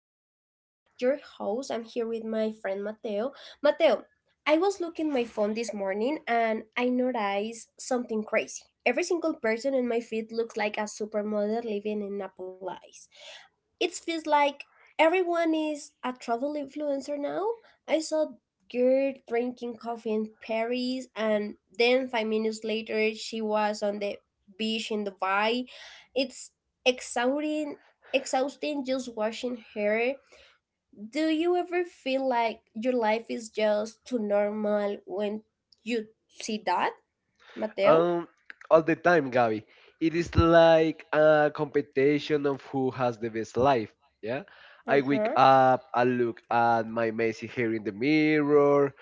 Gabi. I'm your host. I'm here with my friend Mateo. Mateo, I was looking my phone this morning and I noticed something crazy. Every single person in my feed looks like a supermodel living in a palace. It feels like everyone is a travel influencer now. I saw girl drinking coffee in Paris, and then 5 minutes later, she was on the beach in Dubai. It's exhausting. Exhausting just watching her. Do you ever feel like your life is just too normal when you see that, Mateo? Um, all the time, Gabby. It is like a competition of who has the best life. Yeah. Uh I wake huh. up, I look at my messy hair in the mirror.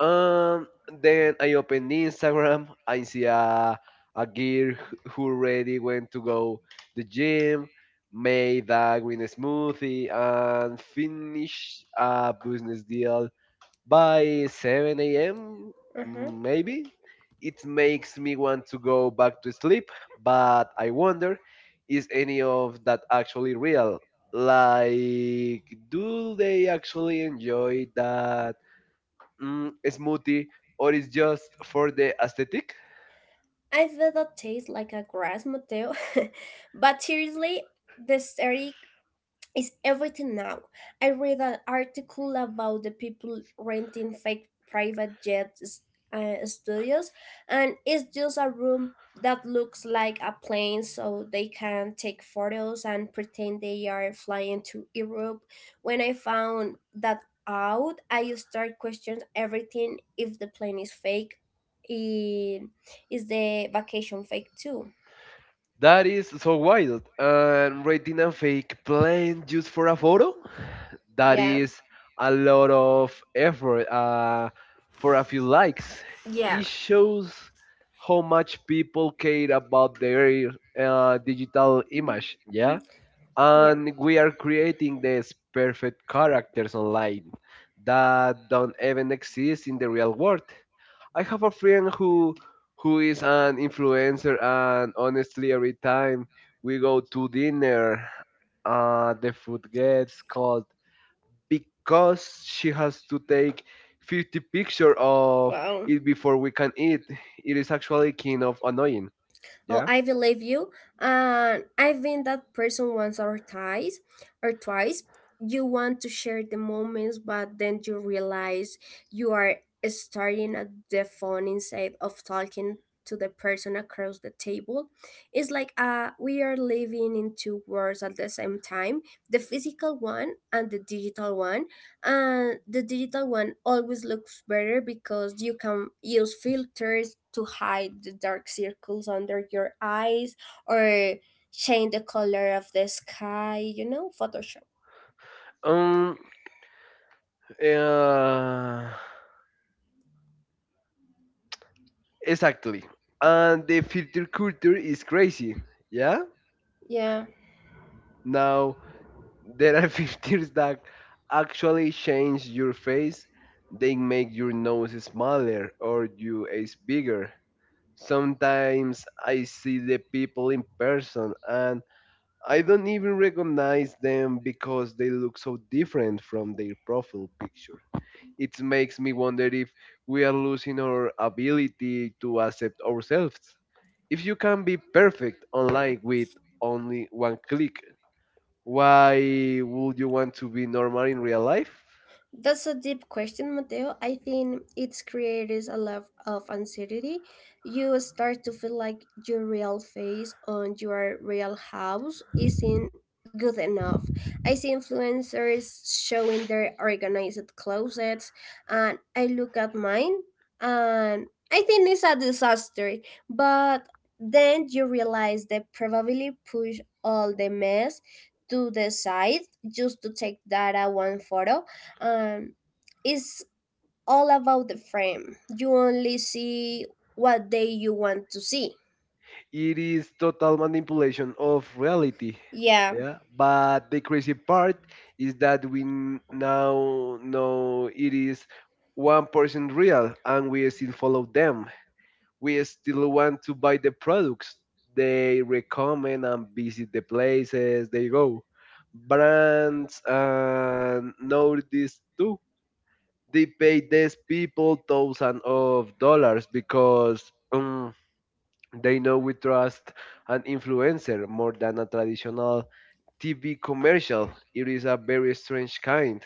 Um, then I open Instagram. I see a girl who already went to go the gym, made a green smoothie, and finished a business deal by 7 a.m., Uh huh. maybe. It makes me want to go back to sleep, but I wonder, is any of that actually real? Like, do they actually enjoy that smoothie, or is just for the aesthetic? I bet that tastes like a grass motel. But seriously, the story is everything now. I read an article about the people renting fake private studios, and it's just a room that looks like a plane so they can take photos and pretend they are flying to Europe. When I found that out, I start questioning everything. If the plane is fake, i- is the vacation fake too? That is so wild. And rating a fake plane just for a photo? That Yeah, is a lot of effort for a few likes. yeah, It shows how much people care about their digital image, yeah? yeah. And we are creating these perfect characters online that don't even exist in the real world. I have a friend who is an influencer, and honestly every time we go to dinner, the food gets cold because she has to take 50 picture of Wow. it before we can eat. It is actually kind of annoying. Oh, Yeah. I believe you. And I've been that person once or twice. You want to share the moments, but then you realize you are staring at the phone instead of talking to the person across the table. It's like we are living in two worlds at the same time, the physical one and the digital one, and the digital one always looks better because you can use filters to hide the dark circles under your eyes or change the color of the sky, you know, photoshop. Um. Uh, exactly. And the filter culture is crazy. Yeah. Yeah. Now there are filters that actually change your face. They make your nose smaller or your eyes bigger. Sometimes I see the people in person and I don't even recognize them because they look so different from their profile picture. It makes me wonder if we are losing our ability to accept ourselves. If you can be perfect online with only one click, why would you want to be normal in real life? That's a deep question, Mateo. I think its creates a level of anxiety. You start to feel like your real face on your real house isn't good enough. I see influencers showing their organized closets, and I look at mine, and I think it's a disaster. But then you realize they probably push all the mess to the side just to take that one photo. um, it's all about the frame. You only see what day you want to see. It is total manipulation of reality. Yeah, Yeah, but the crazy part is that now know it is 1% real, and we still follow them. We still want to buy the products they recommend and visit the places they go. Brands and know this too. They pay these people thousands of dollars because they know we trust an influencer more than a traditional TV commercial. It is a very strange kind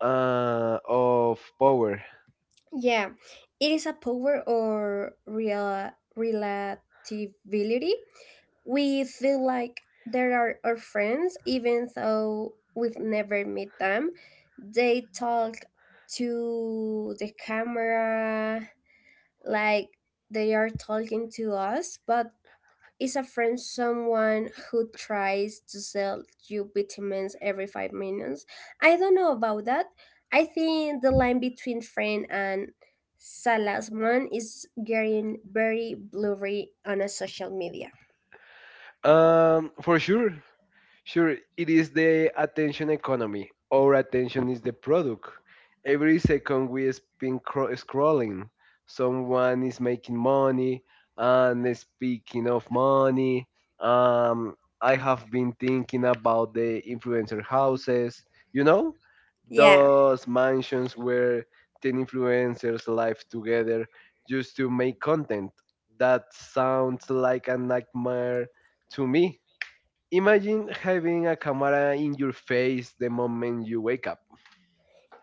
of power. yeah. It is a power or real relativity. We feel like there are our friends, even though we've never met them. They talk to the camera like they are talking to us, but is a friend someone who tries to sell you vitamins every 5 minutes? I don't know about that. I think the line between friend and salesman is getting very blurry on a social media. Um, for sure, Sure, it is the attention economy. Our attention is the product. Every second we spend scrolling, someone is making money. And speaking of money, um, I have been thinking about the influencer houses. You know, Yeah. those mansions where 10 influencers live together just to make content. That sounds like a nightmare to me. Imagine having a camera in your face the moment you wake up.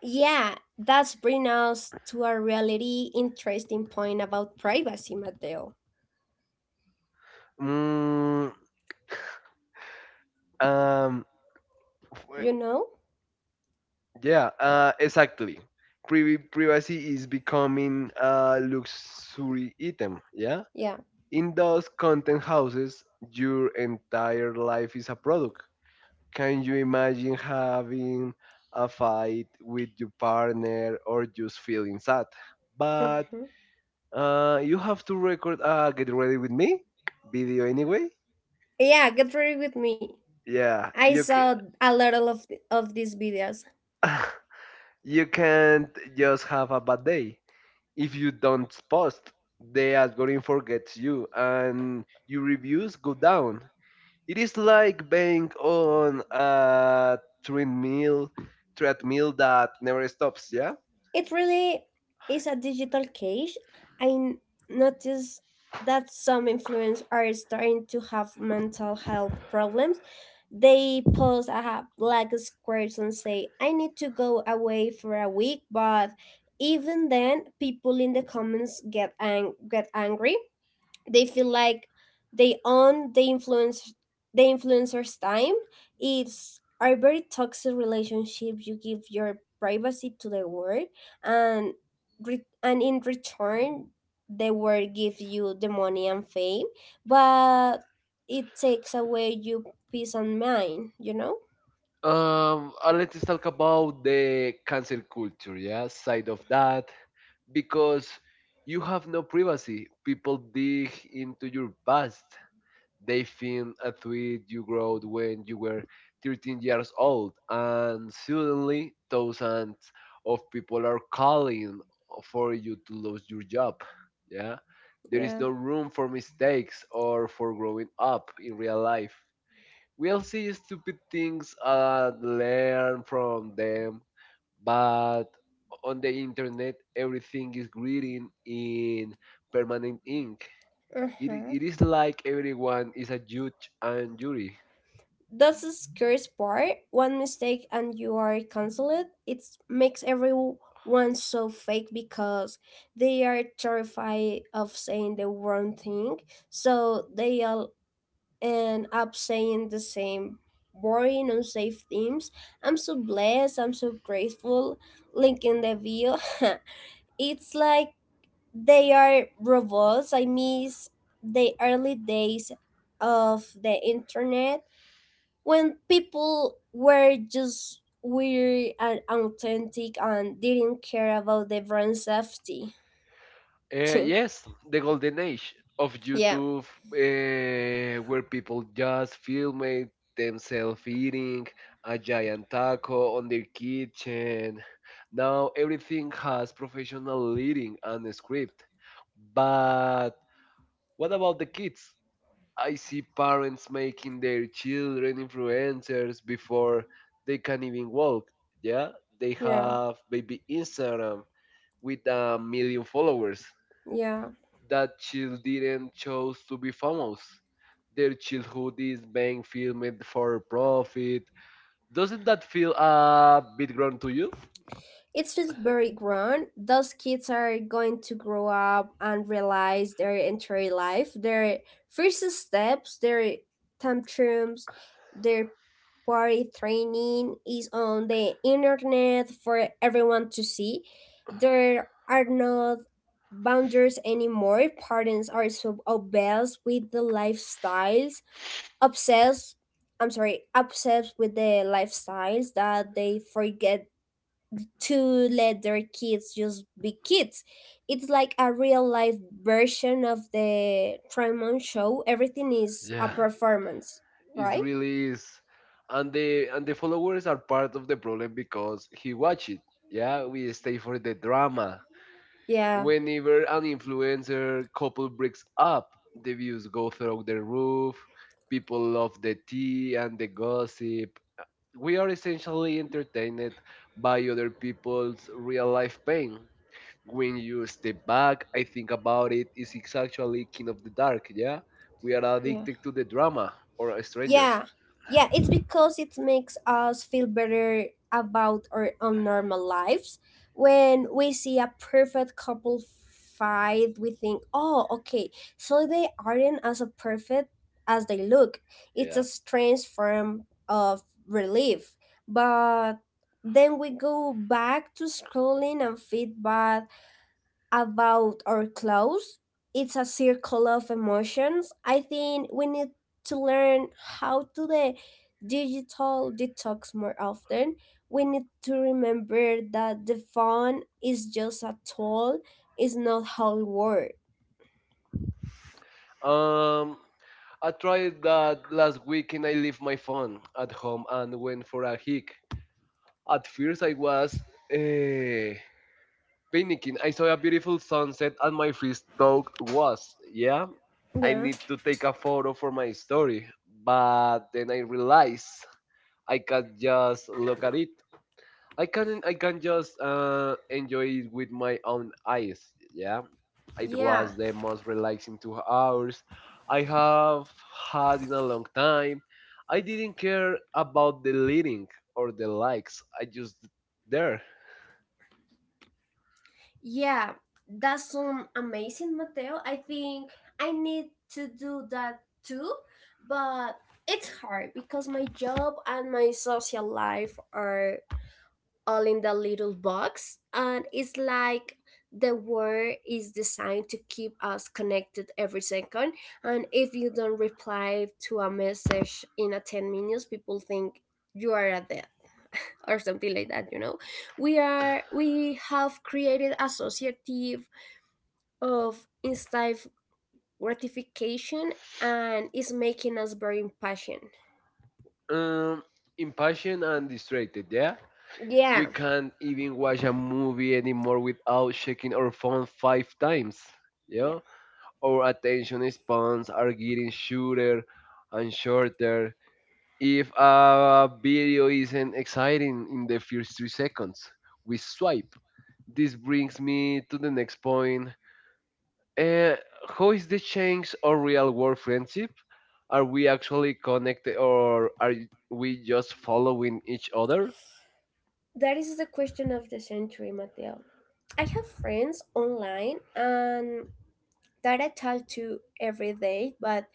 Yeah, that's bring us to a really interesting point about privacy, Mateo. Mm, um, w- You know? yeah, exactly. Privacy is becoming a luxury item. Yeah. Yeah. In those content houses, your entire life is a product. Can you imagine having a fight with your partner or just feeling sad? But Hmm. You have to record a Get Ready With Me video anyway? Yeah, get ready with me. Yeah, I you can saw a lot of these videos. you can't just have a bad day. If you don't post, the algorithm forgets you and your reviews go down. It is like being on a treadmill treadmill that never stops, yeah? It really is a digital cage. I n- notice that some influencers are starting to have mental health problems. They post a black squares and say, I need to go away for a week, but even then people in the comments get angry. They feel like they own the influencer's time. It's a very toxic relationship. You give your privacy to the world, and and in return the world gives you the money and fame, but it takes away your peace and mind, you know. And let's talk about the cancel culture, yeah, side of that. Because you have no privacy. People dig into your past. They filmed a tweet you wrote when you were 13 years old, and suddenly thousands of people are calling for you to lose your job. Yeah, there is Yeah. no room for mistakes or for growing up in real life. We'll see stupid things and learn from them, but on the internet, everything is written in permanent ink. It, i- Uh-huh. it is like everyone is a judge and jury. That's the scariest part. One mistake and you are cancelled. It makes everyone so fake because they are terrified of saying the wrong thing. So they all end up saying the same boring, unsafe themes. I'm so blessed. I'm so grateful. Link in the view. It's like they are robots. I miss the early days of the internet when people were just weary and authentic and didn't care about the brand safety. Yes, the golden age of Yeah, YouTube, where people just filmed themselves eating a giant taco on their kitchen. Now everything has professional leading and a script. But what about the kids? I see parents making their children influencers before they can even walk. Yeah, they yeah, have baby Instagram with a million followers. yeah. That child didn't chose to be famous. Their childhood is being filmed for profit. Doesn't that feel a bit wrong to you? It feels very grown. Those kids are going to grow up and realize their entire life, their first steps, their tantrums, their party training is on the internet for everyone to see. There are not boundaries anymore. Parents are so obsessed with the lifestyles, obsessed, obsessed with the lifestyles that they forget to let their kids just be kids. It's like a real life version of the Tremont show. Everything is a Yeah, performance, it right? really is. And the followers are part of the problem because he watch it. Yeah, we stay for the drama. Yeah. Whenever an influencer couple breaks up, the views go through the roof. People love the tea and the gossip. We are essentially entertained by other people's real life pain. When you step back, I think about it, is it's actually King of the Dark, yeah? We are addicted to the drama or strangers. Yeah, yeah, it's because it makes us feel better about our own normal lives. When we see a perfect couple fight, we think, oh, okay, so they aren't as perfect as they look. It's Yeah. a strange form of relief. But then we go back to scrolling and feedback about our clothes. It's a circle of emotions. I think we need to learn how to the digital detox more often. We need to remember that the phone is just a tool, it's not whole world. Um, I tried that last weekend. I left my phone at home and went for a hike. At first, I was eh, panicking. I saw a beautiful sunset, and my first thought was, yeah, I Yeah. need to take a photo for my story. But then I realized I can't just look at it. I can just enjoy it with my own eyes. Yeah, it Yeah. was the most relaxing 2 hours I have had in a long time. I didn't care about the leading or the likes. I just there. Yeah. That's some amazing Mateo. I think I need to do that too, but it's hard because my job and my social life are all in the little box, and it's like the word is designed to keep us connected every second, and if you don't reply to a message in a 10 minutes people think you are a dead, or something like that, you know. We have created associative of instant gratification, and it's making us very impatient. um, Impatient and distracted. Yeah, we Yeah, can't even watch a movie anymore without checking our phone five times. yeah. Yeah, our attention spans are getting shorter and shorter. If a video isn't exciting in the first 3 seconds, we swipe. This brings me to the next point: uh, how is the change of real world friendship? Are we actually connected or are we just following each other? That is the question of the century, Mateo. I have friends online and that I talk to every day, but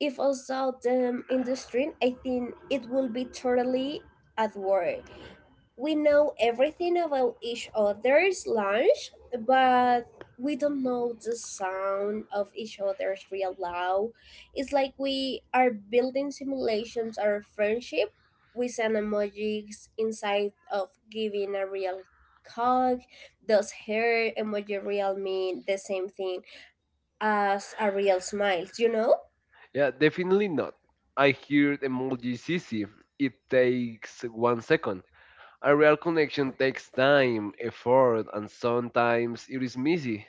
if I saw them in the street, I think it will be totally at work. We know everything about each other's lunch, but we don't know the sound of each other's real loud. It's like we are building simulations of friendship with an emojis inside of giving a real hug. Does her emoji real mean the same thing as a real smile? You know? Yeah, definitely not. I hear emoji CC. It takes one second. A real connection takes time, effort, and sometimes it is messy.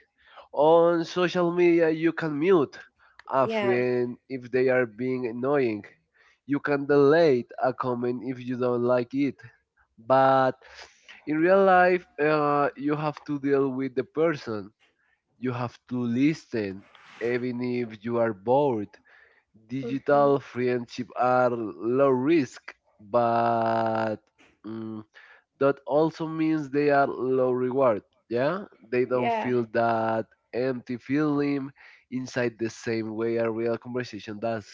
On social media, you can mute a Yeah. friend if they are being annoying. You can delete a comment if you don't like it, but in real life, you have to deal with the person. You have to listen even if you are bored. Hmm. Digital friendship are low risk, but mm, that also means they are low reward, yeah. They don't Yeah. feel that empty feeling inside the same way a real conversation does.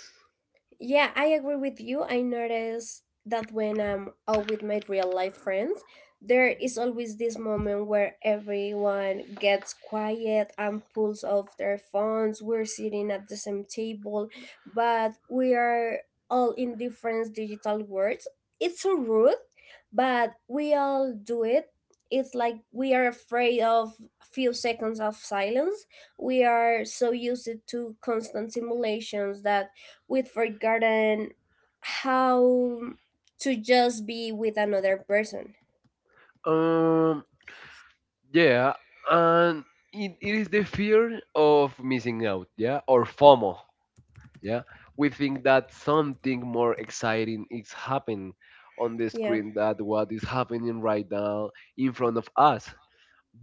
Yeah, I agree with you. I notice that when I'm out with my real life friends, there is always this moment where everyone gets quiet and pulls off their phones. We're sitting at the same table, but we are all in different digital worlds. It's so rude, but we all do it. It's like we are afraid of a few seconds of silence. We are so used to constant simulations that we've forgotten how to just be with another person. Um, Yeah, and it is the fear of missing out, yeah, or FOMO, yeah. We think that something more exciting is happening on the Yeah. screen that what is happening right now in front of us.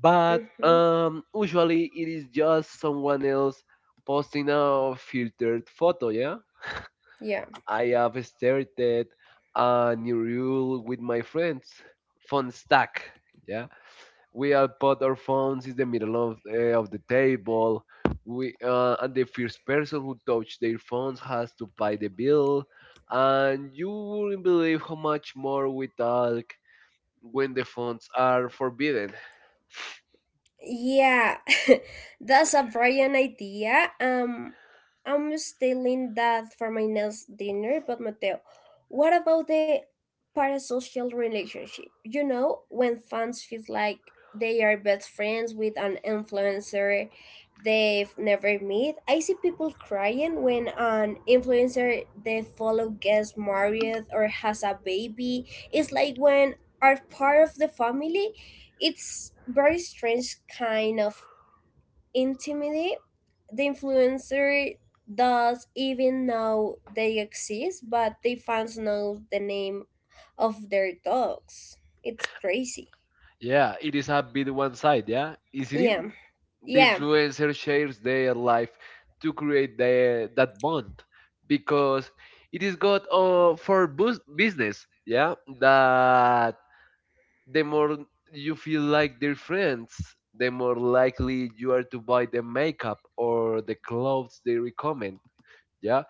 But Mm-hmm. Usually it is just someone else posting a filtered photo, yeah. Yeah. I have started a new rule with my friends, fun stack, yeah, we all put our phones in the middle of the table. We and the first person who touched their phones has to pay the bill. And you wouldn't believe how much more we talk when the phones are forbidden. Yeah, that's a brilliant idea. I'm stealing that for my next dinner. But Mateo, what about the parasocial relationship? You know, when fans feel like they are best friends with an influencer they've never met. I see people crying when an influencer they follow gets married or has a baby. It's like when are part of the family. It's very strange kind of intimacy. The influencer does even know they exist, but the fans know the name of their dogs. It's crazy. Yeah, it is a bit one side. Yeah, is it? Isn't? Yeah, The yeah, influencer shares their life to create the, that bond because it is good for business. Yeah, that the more you feel like their friends, the more likely you are to buy the makeup or the clothes they recommend. Yeah,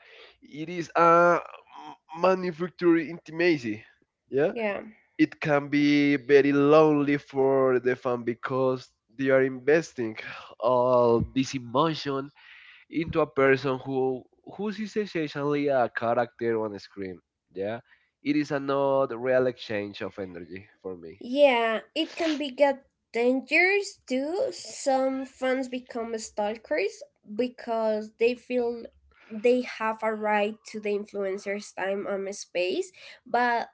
it is a manufacturer intimacy. Yeah, yeah, it can be very lonely for the fan because they are investing all this emotion into a person who is essentially a character on a screen. Yeah, it is a not real exchange of energy for me. yeah. It can be get dangerous too. Some fans become stalkers because they feel they have a right to the influencer's time and space, but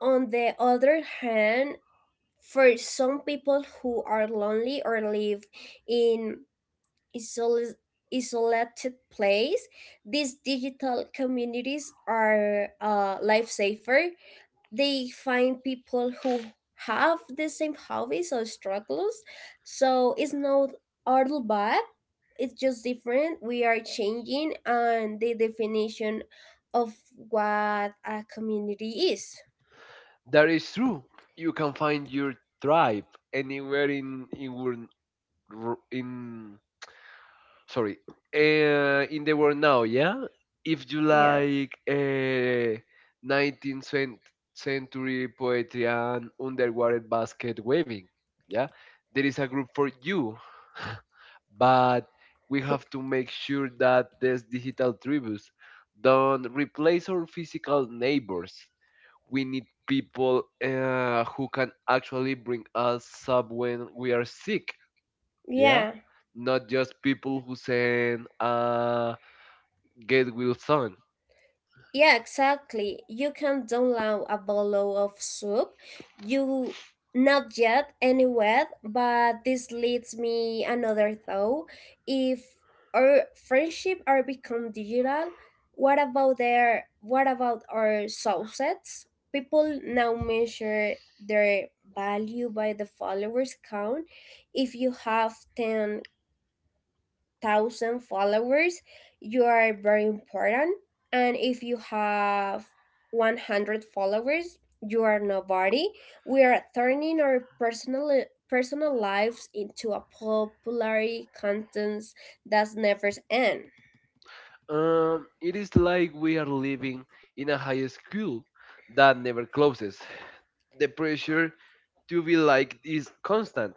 on the other hand, for some people who are lonely or live in isol- isolated place, these digital communities are a lifesaver. They find people who have the same hobbies or struggles, so it's not all bad. It's just different. We are changing, and the definition of what a community is. That is true. You can find your tribe anywhere in wor- r- in sorry in the world now. Yeah, if you Yeah. like 19th century poetry and underwater basket weaving, yeah, there is a group for you. But we have to make sure that these digital tributes don't replace our physical neighbors. We need people who can actually bring us up when we are sick, yeah, Yeah. not just people who send get wilson. Yeah, exactly. You can download a bottle of soup. You not yet anywhere, but this leads me another thought. If our friendship are become digital, what about their what about our subsets? People now measure their value by the followers count. If you have 10,000 followers, you are very important. And if you have 100 followers, you are nobody. We are turning our personal lives into a popular contents that never end. It is like we are living in a high school that never closes. The pressure to be like is constant,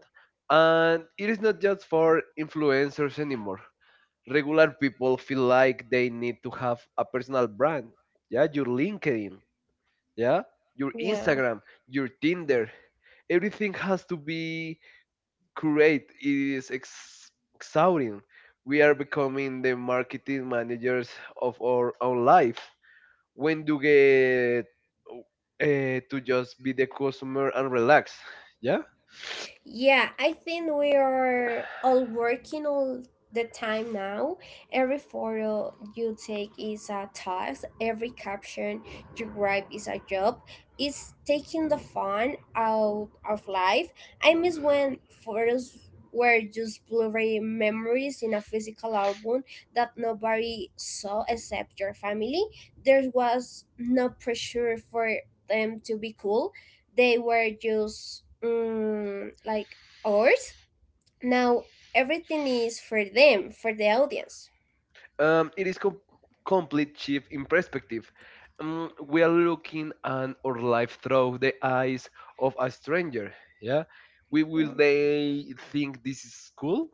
and it is not just for influencers anymore. Regular people feel like they need to have a personal brand, yeah. Your LinkedIn, yeah, your Yeah. Instagram, your Tinder. Everything has to be curate. It is exhausting. We are becoming the marketing managers of our own life. When do get to just be the customer and relax, yeah? Yeah, I think we are all working all the time now. Every photo you take is a task, every caption you write is a job. It's taking the fun out of life. I miss when photos were just blurry memories in a physical album that nobody saw except your family. There was no pressure for them to be cool, they were just like ours. Now everything is for them, for the audience. It is complete shift in perspective. We are looking at our life through the eyes of a stranger, yeah. We Yeah. will they think this is cool,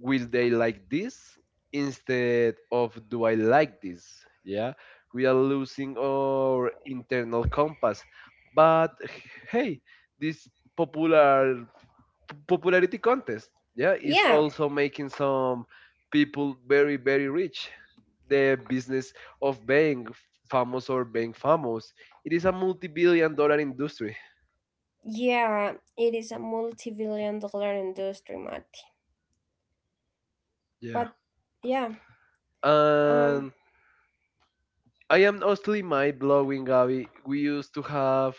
will they like this, instead of do I like this? Yeah, we are losing our internal compass. But hey, this popular popularity contest, yeah, is Yeah. also making some people very very rich. The business of being famous or being famous, it is a multi-billion-dollar industry. Yeah. It is a multi billion-dollar industry, Marty. Yeah, What? Yeah. Um. and I am honestly mind blowing, Gabby. We used to have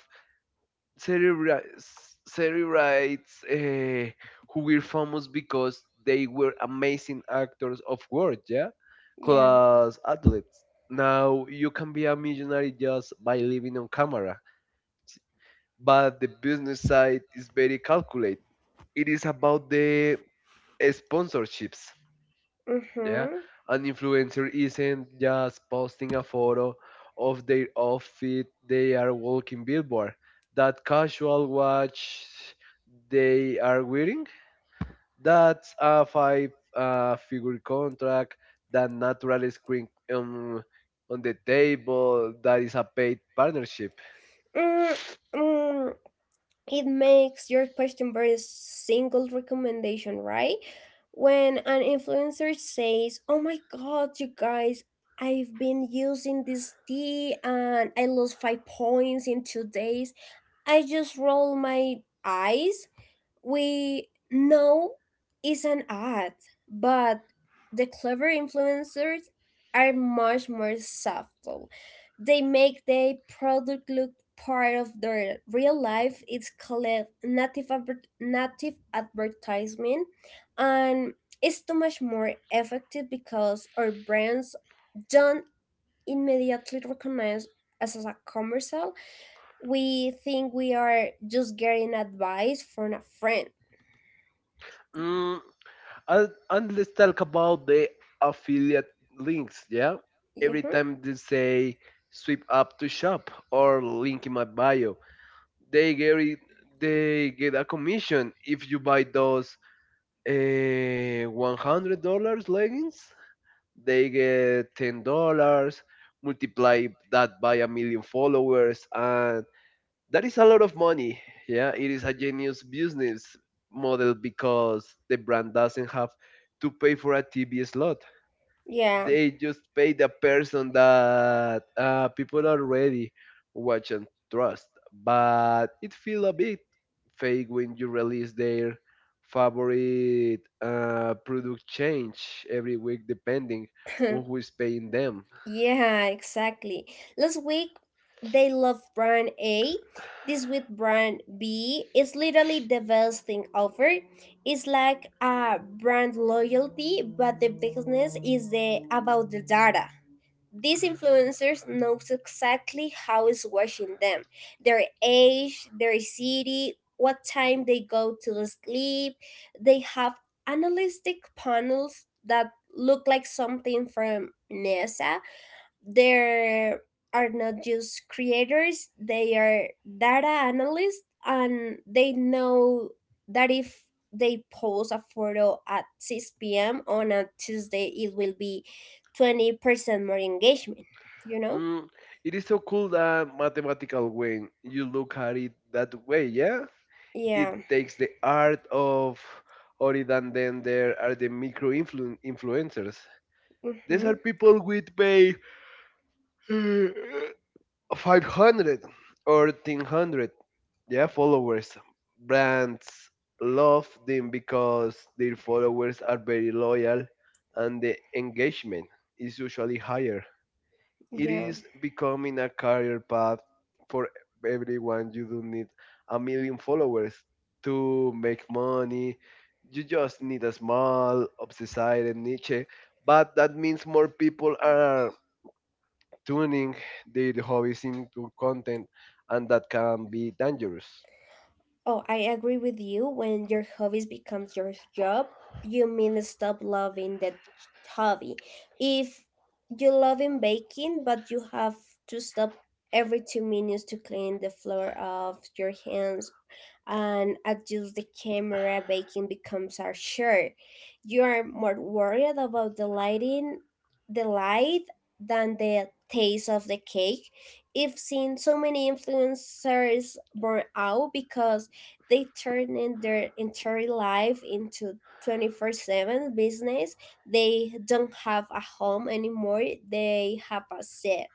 celebrities who were famous because they were amazing actors of world, yeah, Yeah. class athletes. Now you can be a millionaire just by living on camera, but the business side is very calculated. It is about the sponsorships. Mm Yeah. hmm. An influencer isn't just posting a photo of their outfit, they are walking billboard. That casual watch they are wearing, that's a five figure contract, that natural screen on the table, that is a paid partnership. Mm, mm. It makes your question very single recommendation, right? When an influencer says, Oh my god, you guys, I've been using this tea and I lost 5 points in 2 days, I just roll my eyes. We know it's an ad, but the clever influencers are much more subtle. They make their product look part of their real life. It's called native advertisement, and it's too much more effective because our brands don't immediately recognize us as a commercial. We think we are just getting advice from a friend. Mm, and let's talk about the affiliate links, yeah. Every Mhm. time they say sweep up to shop or link in my bio, they get it- they get a commission. If you buy those $100 leggings, they get $10. Multiply that by a million followers, and that is a lot of money. Yeah, it is a genius business model because the brand doesn't have to pay for a TV slot. Yeah. They just pay the person that people already watch and trust. But it feels a bit fake when you release their favorite product change every week, depending on who is paying them. Yeah, exactly. Last week they loved brand A. This week brand B is literally the best thing offered. It's like a brand loyalty, but the business is the about the data. These influencers knows exactly how is watching them, their age, their city, what time they go to sleep. They have analytic panels that look like something from NASA. There are not just creators, they are data analysts, and they know that if they post a photo at 6 p.m on a Tuesday it will be 20% more engagement you know Mm, it is so cool that mathematical when you look at it that way, yeah? It yeah. takes the art of or it. And then there are the influencers. These Mm-hmm. are people with pay 500 or 1,300, yeah, followers. Brands love them because their followers are very loyal and the engagement is usually higher. It Yeah. is becoming a career path for everyone. You don't need a million followers to make money. You just need a small, obsessed niche. But that means more people are tuning their hobbies into content, and that can be dangerous. Oh, I agree with you. When your hobbies becomes your job, you mean stop loving that hobby. If you love in baking, but you have to stop every 2 minutes to clean the floor of your hands and adjust the camera, baking becomes our chore. You are more worried about the lighting, the light, than the taste of the cake. I've seen so many influencers burn out because they turn in their entire life into 24/7 business. They don't have a home anymore. They have a set.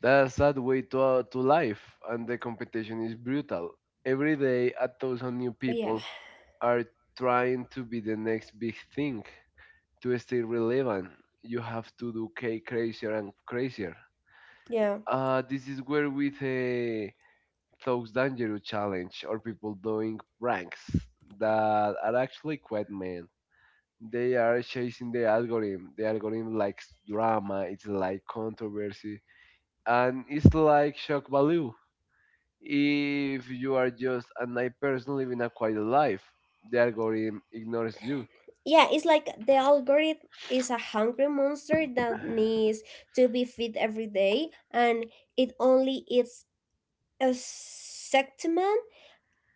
That's that way to life, and the competition is brutal. Every day, a thousand new Yeah. people are trying to be the next big thing. To stay relevant, you have to do K crazier and crazier. Yeah. This is where with a Thoughts Dangerous challenge or people doing pranks that are actually quite mean. They are chasing the algorithm. The algorithm likes drama, it's like controversy, and it's like shock value. If you are just a nice person living a quiet life, the algorithm ignores you. Yeah, it's like the algorithm is a hungry monster that needs to be fed every day and it only eats a segment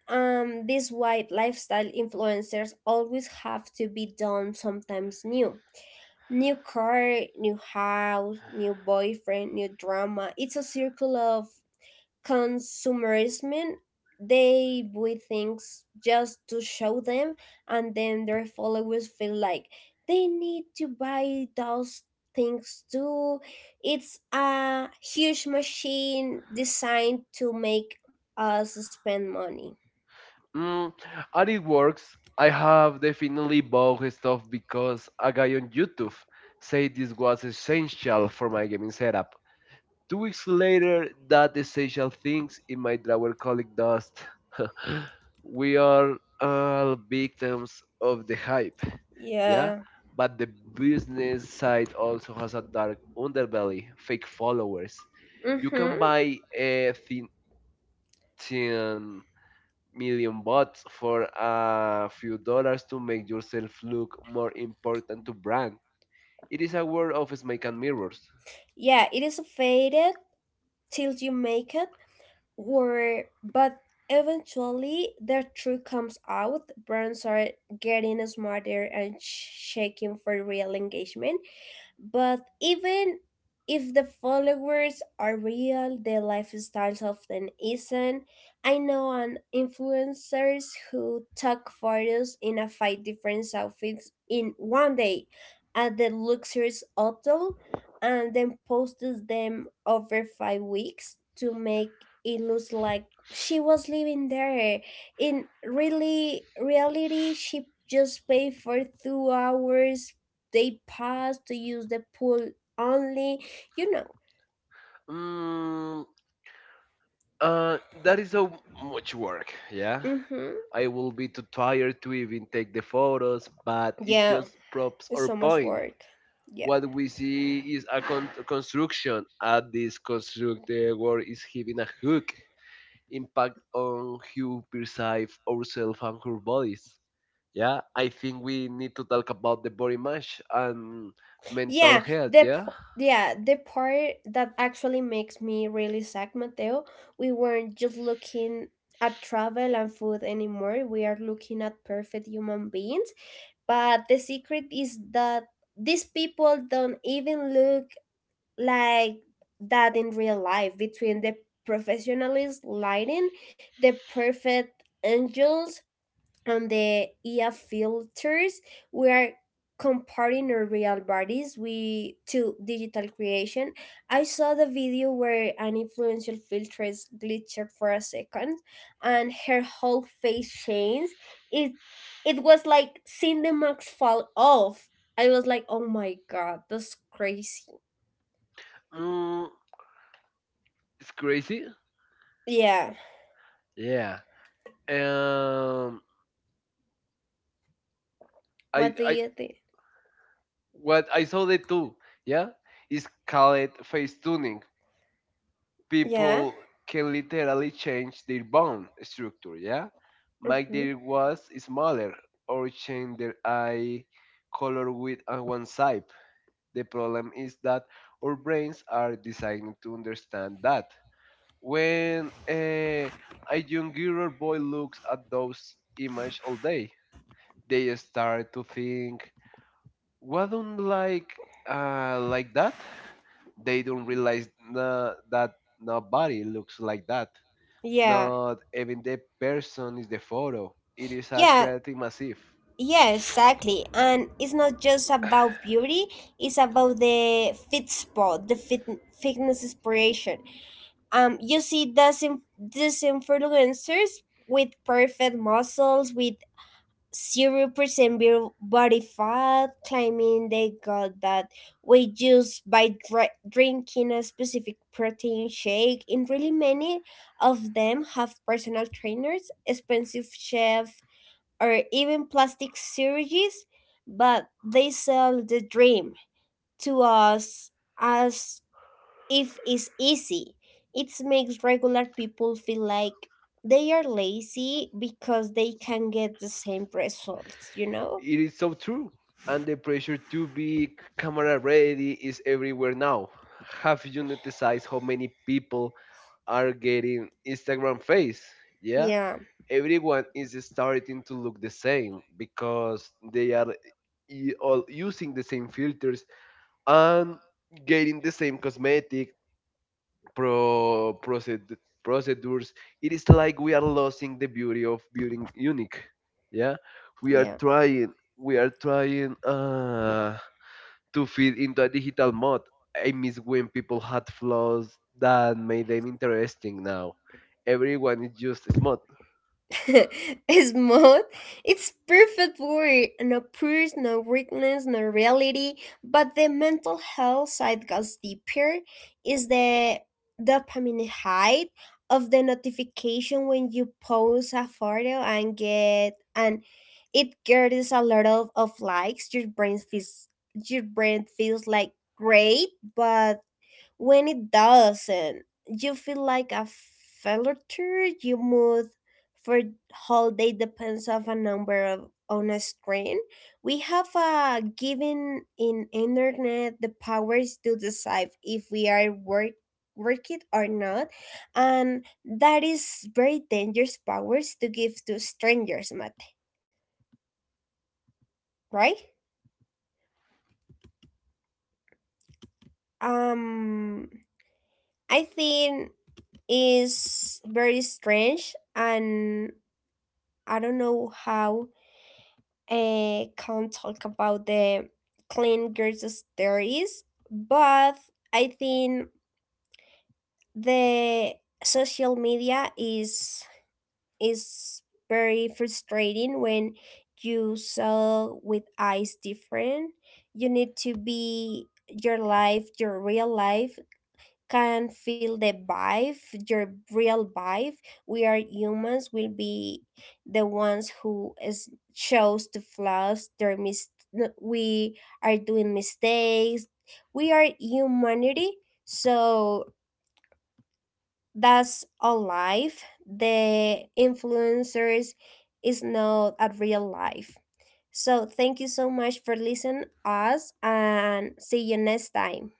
um These white lifestyle influencers always have to be done sometimes new. New car, new house, new boyfriend, new drama. It's a circle of consumerism. They buy things just to show them, and then their followers feel like they need to buy those things too. It's a huge machine designed to make us spend money. Mm, and it works. I have definitely bought his stuff because a guy on YouTube said this was essential for my gaming setup. Two weeks later, that essential things in my drawer collected dust. We are all victims of the hype, yeah? Yeah. But the business side also has a dark underbelly, fake followers. You can Mm-hmm. buy a thin million bots for a few dollars to make yourself look more important to brand. It is a world of smoke and mirrors. Yeah, it is a faded till you make it. Or, but eventually their truth comes out. Brands are getting smarter and shaking for real engagement. But even if the followers are real, the lifestyles often isn't. I know an influencers who took photos in a five different outfits in one day at the luxurious hotel and then posted them over 5 weeks to make it look like she was living there. In really reality, she just paid for 2 hours they pass to use the pool only you know Mm, uh, that is so much work, yeah. hmm. I will be too tired to even take the photos, but it Yeah, just props it's our so much point. work. Yeah. What we see is a construction, and this constructed world is having a hook impact on how we perceive ourselves and our bodies. Yeah, I think we need to talk about the body image and mental Yeah, health. Yeah. The part that actually makes me really sad, Mateo. We weren't just looking at travel and food anymore, we are looking at perfect human beings, but the secret is that these people don't even look like that in real life, between the professionalist lighting, the perfect angles, and the EA filters. We are comparing our real bodies we to digital creation. I saw the video where an influential filters glitched for a second and her whole face changed. It it was like seeing the mask fall off. I was like, oh my god, that's crazy. Mm, it's crazy. Yeah. Yeah, um, I, What do I, you think? what I saw the two. Yeah, is called face tuning. Yeah. People can literally change their bone structure. Yeah, make Mm-hmm. their was smaller or change their eye color with on one side. The problem is that our brains are designed to understand that. When a younger boy looks at those images all day, they start to think, "Why don't like that?" They don't realize that nobody looks like that. Yeah. Not even the person is the photo. It is a Yeah. creative massive. Yeah, exactly. And it's not just about beauty, it's about the fit spot, the fit, fitness inspiration. You see these, these influencers with perfect muscles, with 0% beer body fat, claiming they got that weight just by drinking a specific protein shake. And really, many of them have personal trainers, expensive chefs, or even plastic surgeries, but they sell the dream to us as if it's easy. It makes regular people feel like they are lazy because they can get the same results, you know? It is so true. And the pressure to be camera ready is everywhere now. Have you noticed how many people are getting Instagram face? Yeah. Yeah, Everyone is starting to look the same because they are all using the same filters and getting the same cosmetic pro proced- procedures. It is like we are losing the beauty of being unique, yeah. we are yeah. trying we are trying uh to fit into a digital mode. I miss when people had flaws that made them interesting. Now everyone is just smart. Smooth. It's perfect word. No purse, no weakness, no reality. But the mental health side goes deeper. Is the dopamine high of the notification when you post a photo and get and it gets a lot of likes. Your brain feels like great, but when it doesn't, you feel like a failure. You mood for whole day depends of a number of on a screen. We have a given in internet the powers to decide if we are work it or not, and that is very dangerous powers to give to strangers, mate. Right. um I think is very strange, and I don't know how, can talk about the clean girls stories, but I think the social media is very frustrating when you saw with eyes different. You need to be your life, your real life can feel the vibe, your real vibe. We are humans, will be the ones who is chose to flaws, their no, we are doing mistakes. We are humanity, so that's all life. The influencers is not a real life. So thank you so much for listening us and see you next time.